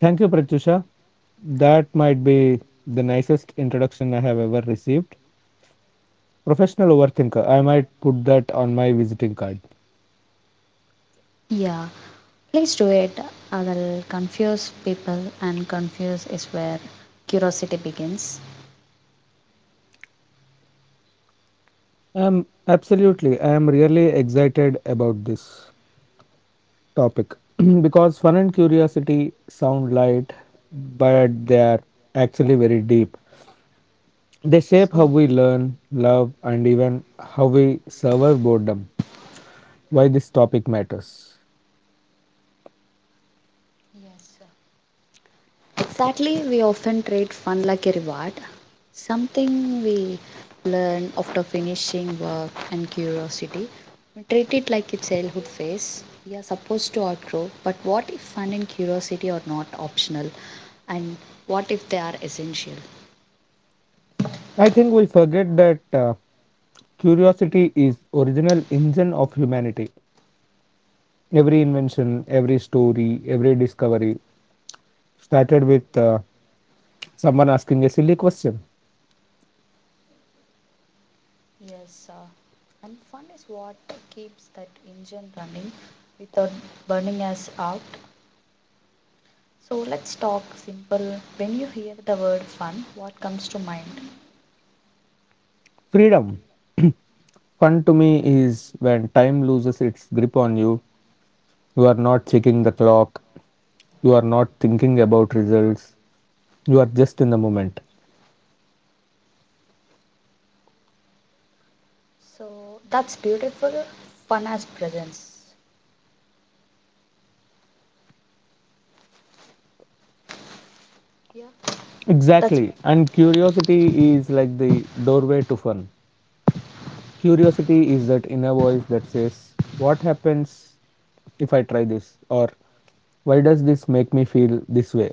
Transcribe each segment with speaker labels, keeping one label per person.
Speaker 1: Thank you, Pratyusha. That might be the nicest introduction I have ever received. Professional overthinker. I might put that on my visiting card. Absolutely. I am really excited about this topic because fun and curiosity sound light, but they are actually very deep. They shape how we learn, love, and even how we survive boredom. Why this topic matters. I think we forget that curiosity is original engine of humanity. Every invention, every story, every discovery started with someone asking a silly question. Freedom. Fun to me is when time loses its grip on you. You are not checking the clock. You are not thinking about results. You are just in the moment. Exactly. And curiosity is like the doorway to fun. Curiosity is that inner voice that says, what happens if I try this? Or why does this make me feel this way?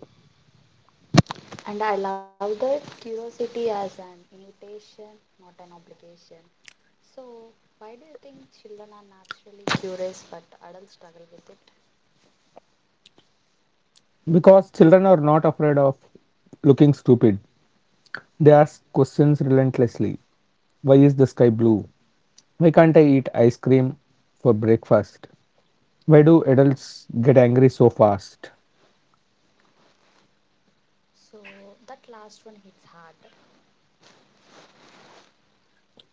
Speaker 1: Because children are not afraid of looking stupid. They ask questions relentlessly. Why is the sky blue? Why can't I eat ice cream for breakfast? Why do adults get angry so fast?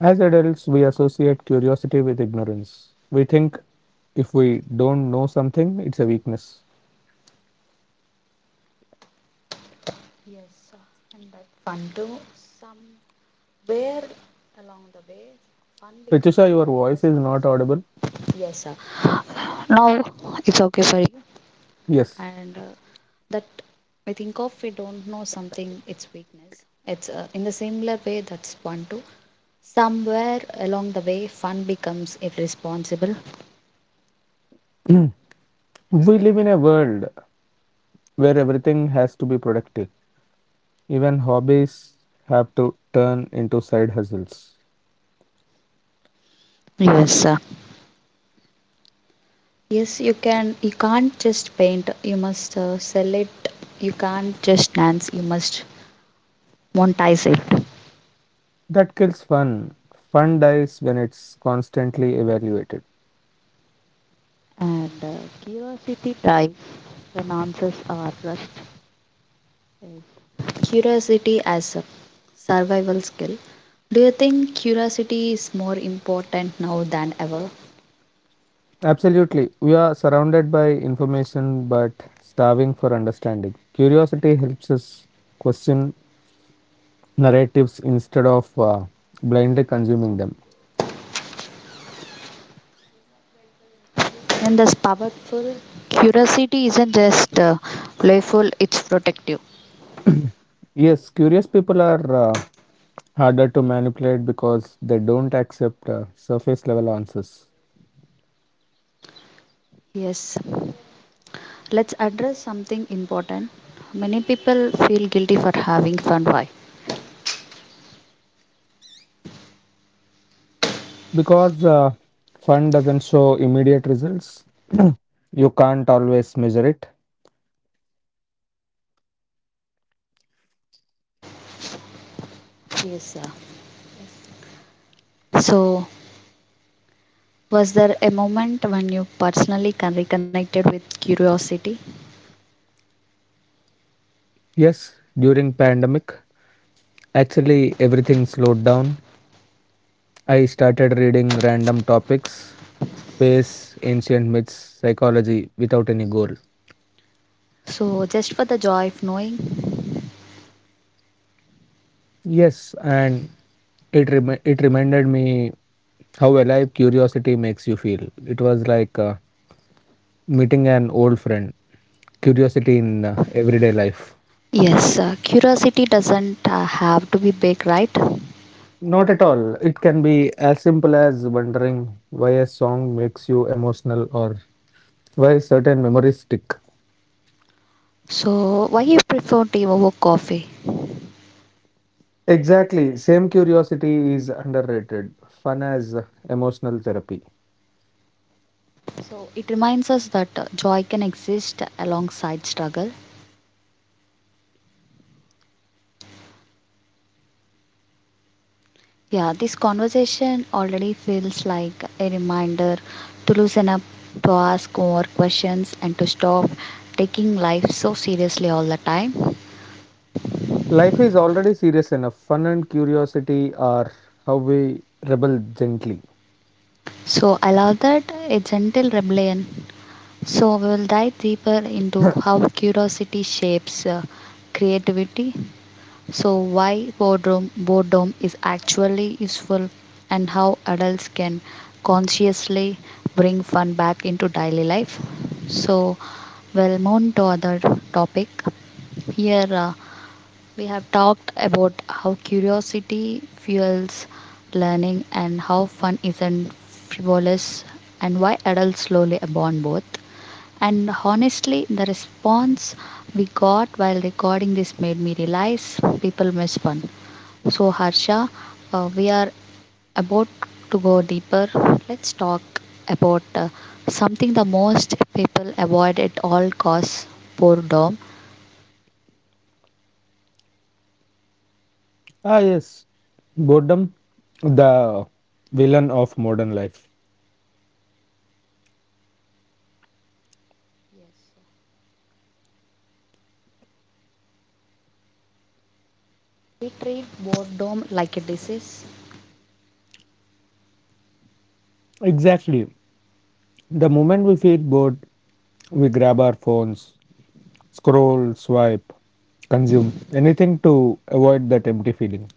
Speaker 1: As adults, we associate curiosity with ignorance. We think if we don't know something, it's a weakness. Ritusha, your voice is not audible. Yes. We live in a world where everything has to be productive. Even hobbies have to turn into side hustles.
Speaker 2: Yes,
Speaker 1: That kills fun. Fun dies when it's constantly evaluated.
Speaker 2: right.
Speaker 1: Absolutely. We are surrounded by information but starving for understanding. Curiosity helps us question narratives instead of blindly consuming them.
Speaker 2: Curiosity isn't just collective.
Speaker 1: Yes, curious people are harder to manipulate because they don't accept surface level answers. Because fund doesn't show immediate results. You can't always measure it. Yes, during pandemic actually everything slowed down. I started reading random topics, space, ancient myths, psychology, without any goal. Yes, and it reminded me how alive curiosity makes you feel. It was like meeting an old friend. Curiosity in everyday life. Not at all. It can be as simple as wondering why a song makes you emotional or why certain memories stick. Exactly. Same curiosity is underrated. Fun as emotional therapy. Life is already serious enough. Fun and curiosity are how we rebel gently. ah, yes. Boredom, the villain of modern life. Exactly. The moment we feel bored, we grab our phones, scroll, swipe, consume anything to avoid that empty feeling.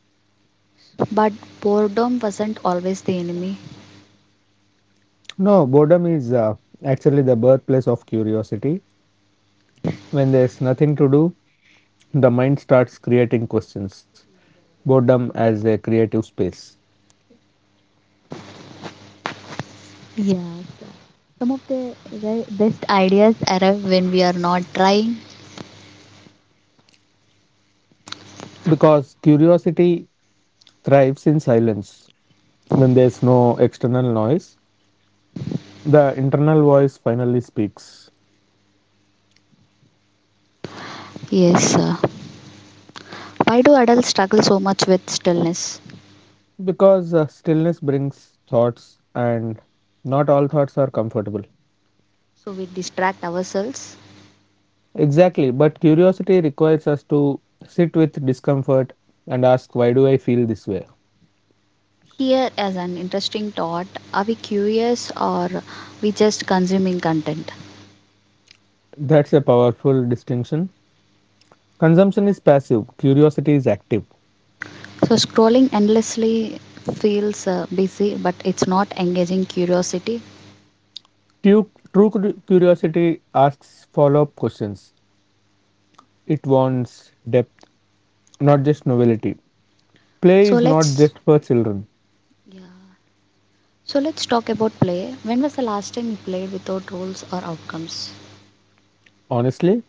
Speaker 1: No, boredom is actually the birthplace of curiosity. When there's nothing to do, the mind starts creating questions. Boredom as a creative space. Because curiosity thrives in silence. When there's no external noise, the internal voice finally speaks. Because stillness brings thoughts, and not all thoughts are comfortable. Exactly, but curiosity requires us to sit with discomfort and ask, why do I feel this way? That's a powerful distinction. Consumption is passive, curiosity is active. True curiosity asks follow up questions, it wants depth, not just novelty. Play is not just for children. Honestly,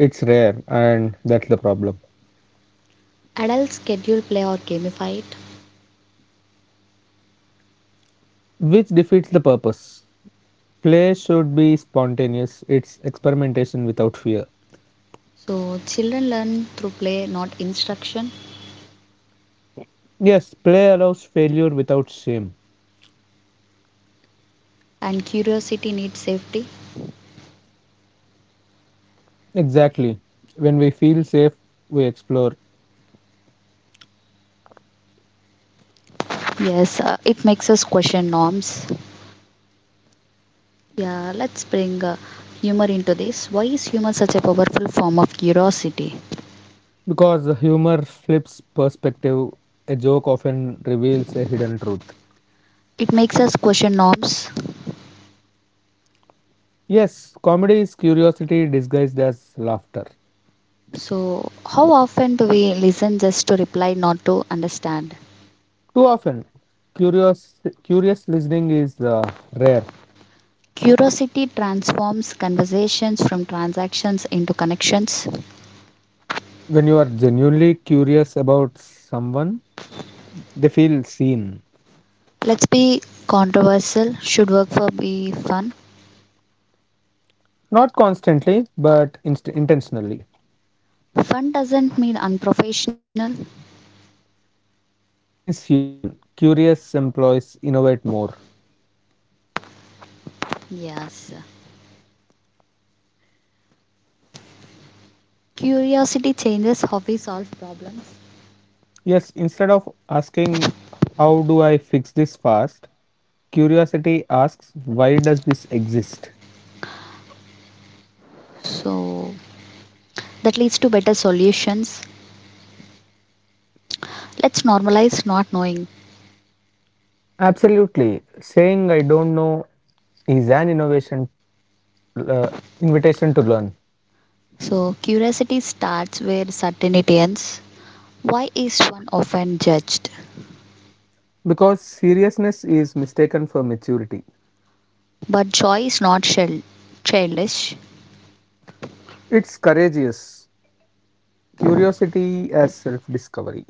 Speaker 1: it's rare, and that's the problem. Which defeats the purpose. Play should be spontaneous, it's experimentation without fear. Yes, play allows failure without shame. Exactly. When we feel safe, we explore. Because the humor flips perspective, a joke often reveals a hidden truth. Yes, comedy is curiosity disguised as laughter. Too often, curious listening is rare. When you are genuinely curious about someone, they feel seen. Not constantly, but intentionally. It means human. Curious employees innovate more. Yes, instead of asking, how do I fix this fast? Curiosity asks, why does this exist? Absolutely. Saying I don't know is an innovation, uh, invitation to learn, because seriousness is mistaken for maturity. It's courageous. Curiosity as self-discovery.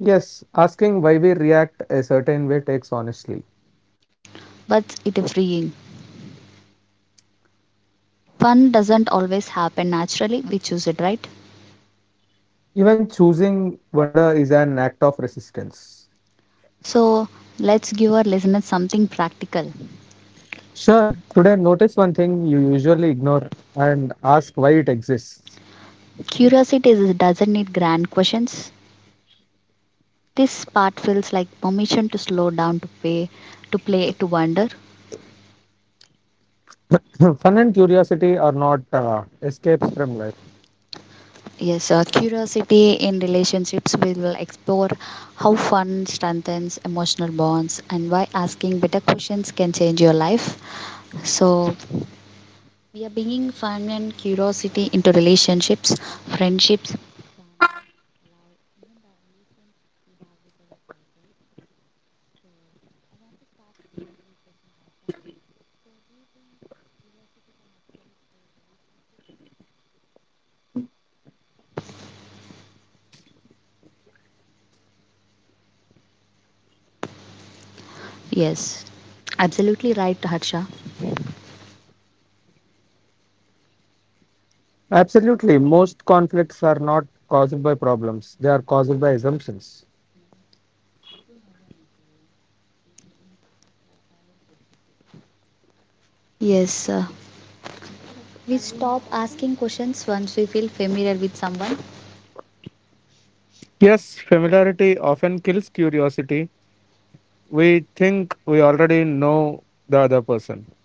Speaker 1: Yes, asking why we react a certain way takes honestly. Even choosing wonder is an act of resistance. Sure. Today, notice one thing you usually ignore and ask why it exists. Fun and curiosity are not escapes from life. Absolutely. Most conflicts are not caused by problems, they are caused by assumptions. Yes, familiarity often kills curiosity. We think we already know the other person.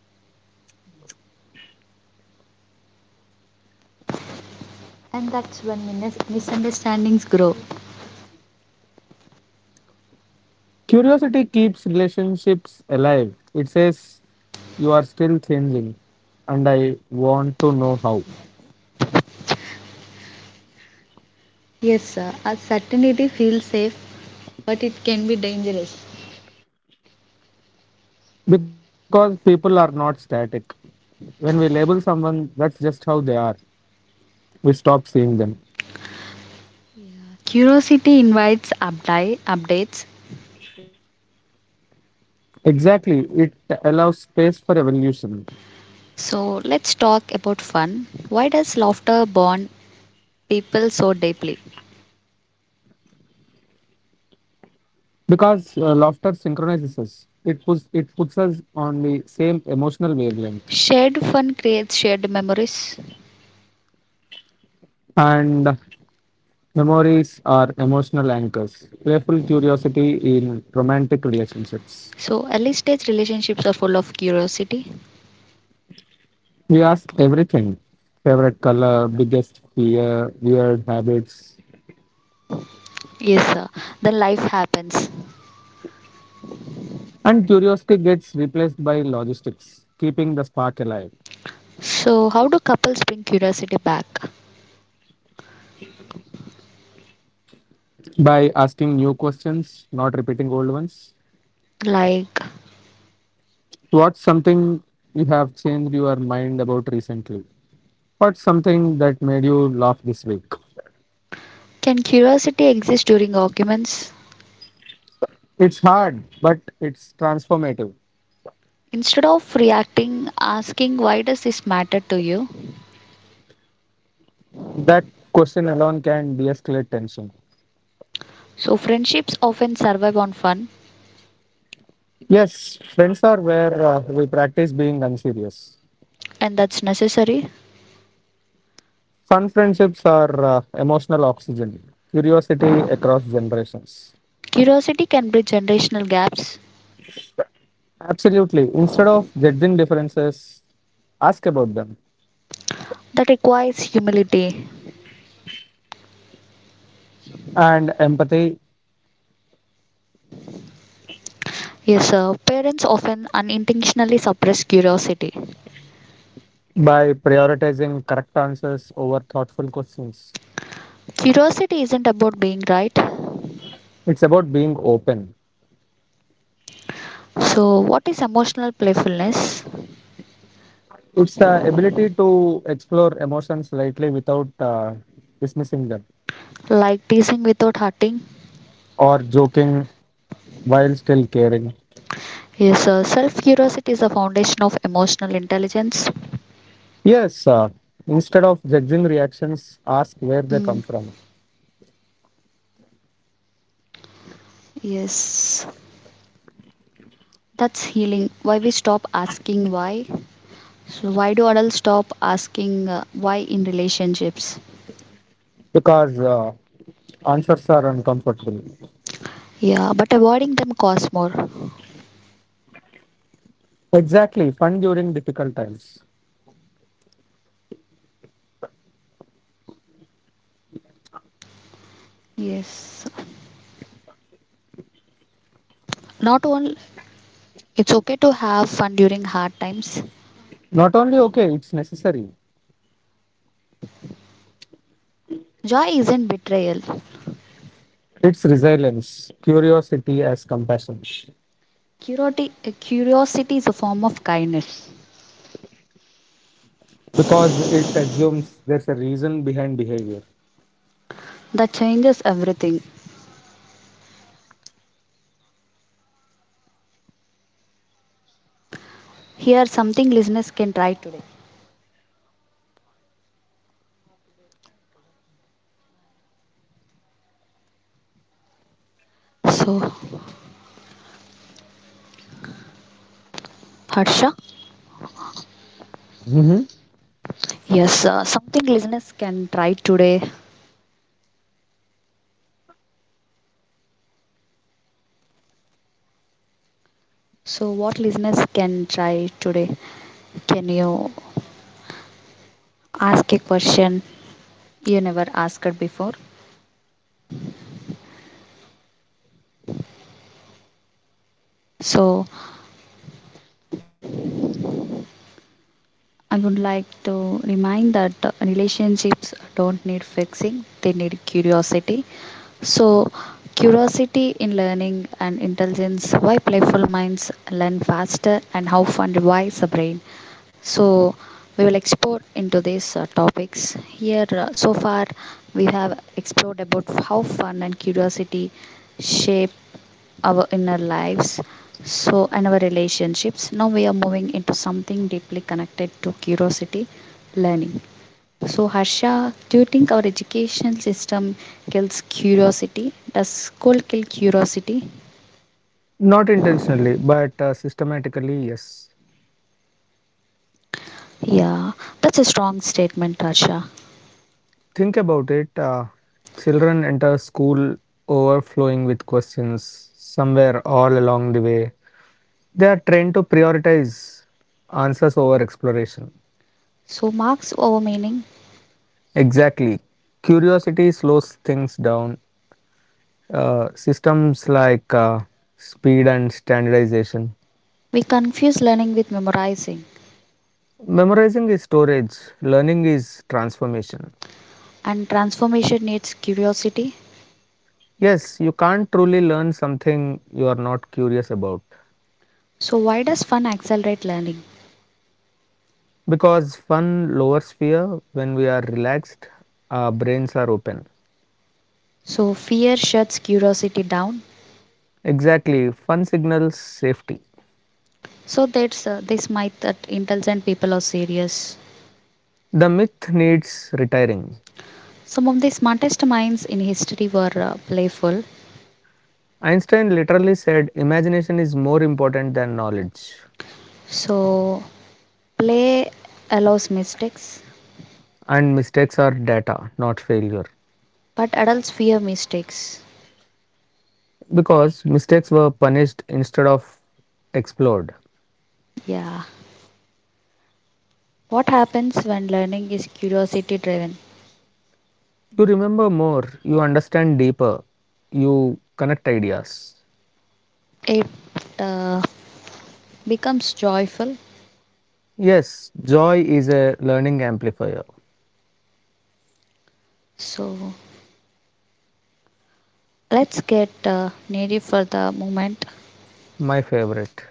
Speaker 1: Curiosity keeps relationships alive. It says, you are still changing, and I want to know how. Because people are not static. When we label someone, that's just how they are. We stop seeing them. Exactly. It allows space for evolution. Because laughter synchronizes us. It puts us on the same emotional wavelength. And memories are emotional anchors. Playful curiosity in romantic relationships. We ask everything. Favorite color, biggest fear, weird habits. And curiosity gets replaced by logistics, keeping the spark alive by asking new questions, not repeating old ones. What's something you have changed your mind about recently? What's something that made you laugh this week? It's hard, but it's transformative. That question alone can de escalate tension. Yes, friends are where we practice being unserious. Fun friendships are emotional oxygen. Curiosity across generations. Absolutely. Instead of judging differences, ask about them. And empathy by prioritizing correct answers over thoughtful questions. It's about being open. It's the ability to explore emotions lightly without dismissing them or joking while still caring. Yes, instead of judging reactions, ask where they come from, because answers are uncomfortable. Exactly, fun during difficult times. Not only okay, it's necessary. It's resilience. Curiosity as compassion, because it assumes there's a reason behind behavior. Mhm. Not intentionally, but systematically, yes. Think about it. Children enter school overflowing with questions somewhere all along the way. They are trained to prioritize answers over exploration. Exactly. Curiosity slows things down. Systems like speed and standardization. Memorizing is storage, learning is transformation. Yes, you can't truly learn something you are not curious about, because fun lowers fear. When we are relaxed, our brains are open. Exactly, fun signals safety. The myth needs retiring. Einstein literally said imagination is more important than knowledge, and mistakes are data, not failure. Because mistakes were punished instead of explored. You remember more, you understand deeper, you connect ideas. Yes, joy is a learning amplifier. My favorite.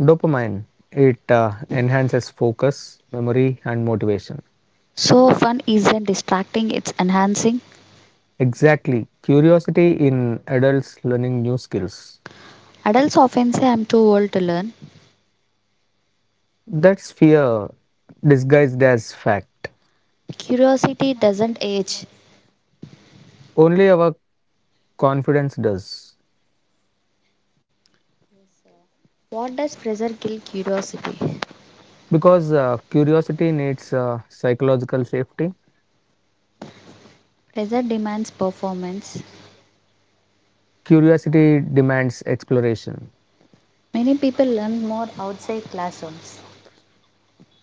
Speaker 1: Dopamine. It enhances focus, memory, and motivation. Exactly. Curiosity in adults learning new skills. That's fear disguised as fact. Only our confidence does. Because curiosity needs psychological safety. Curiosity demands exploration.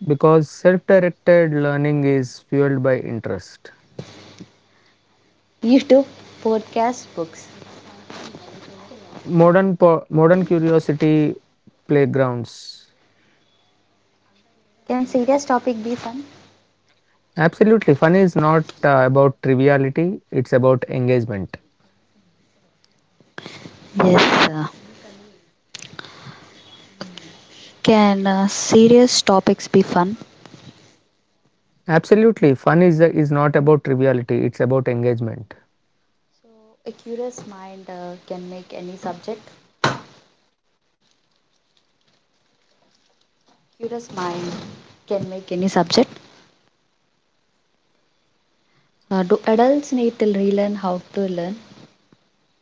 Speaker 1: Because self directed learning is fueled by interest. Modern curiosity playgrounds. Absolutely. Fun is not about triviality, it's about engagement. Absolutely. Fun is not about triviality, it's about engagement.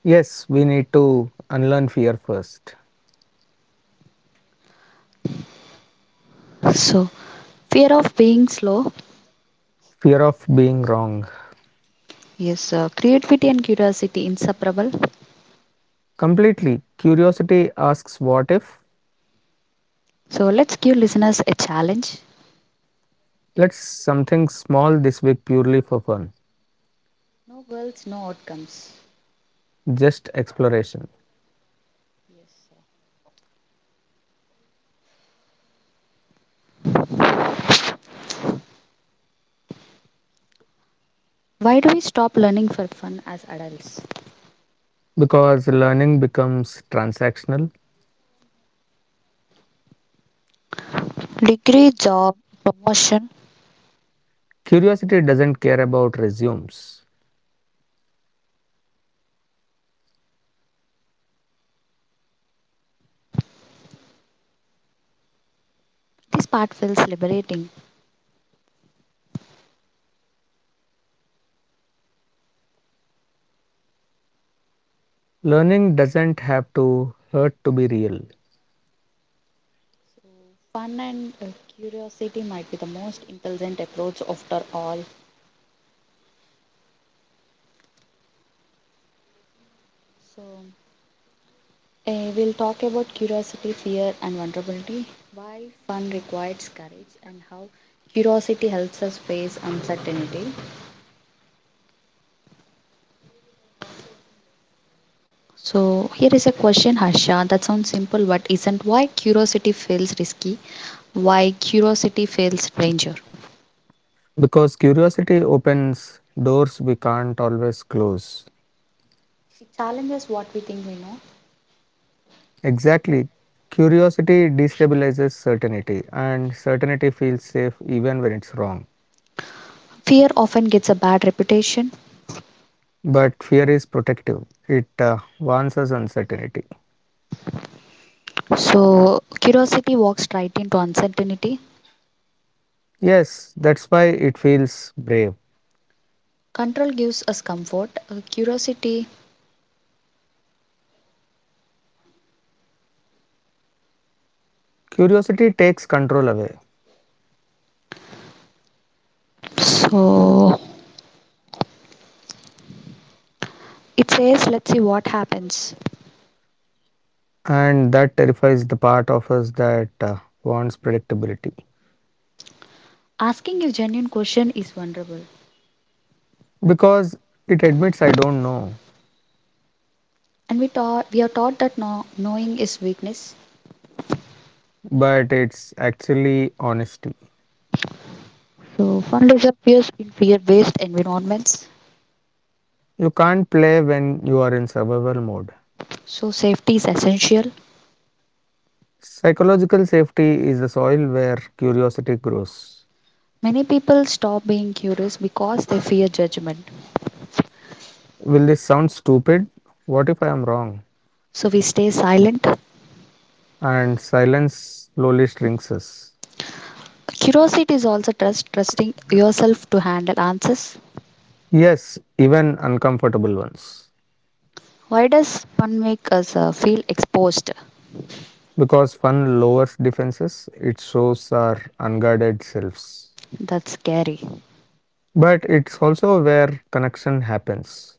Speaker 1: Yes, we need to unlearn fear first, fear of being wrong. Completely. Curiosity asks what if. Let's something small this week purely for fun, just exploration. Because learning becomes transactional.
Speaker 2: Degree, job, promotion.
Speaker 1: Curiosity doesn't care about resumes. Learning doesn't have to hurt to be real. Because curiosity opens doors we can't always close. Exactly. Curiosity destabilizes certainty, and certainty feels safe even when it's wrong. But fear is protective, it warns us uncertainty. Yes, that's why it feels brave. Curiosity takes control away, and that terrifies the part of us that wants predictability. Because it admits I don't know, but it's actually honesty.
Speaker 2: So fun disappears in fear-based environments.
Speaker 1: You can't play when you are in survival mode. Psychological safety is the soil where curiosity grows. Will this sound stupid? What if I am wrong? And silence slowly shrinks us. Yes, even uncomfortable ones. Because fun lowers defenses, it shows our unguarded selves. But it's also where connection happens.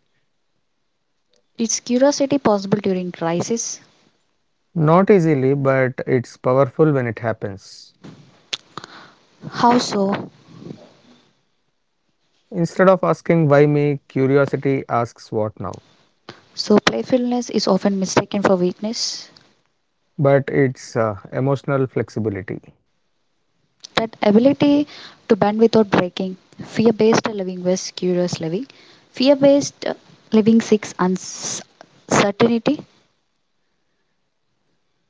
Speaker 1: Not easily, but it's powerful when it happens. Instead of asking why me, curiosity asks what now. But it's emotional flexibility.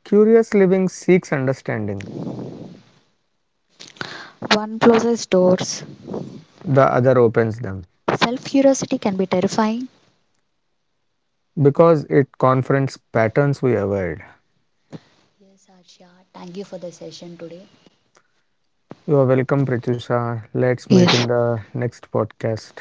Speaker 1: Curious living seeks understanding, the other opens them, because it confronts patterns we avoid. You are welcome, Pratyusha. Let's meet in
Speaker 2: Yes.
Speaker 1: the next podcast.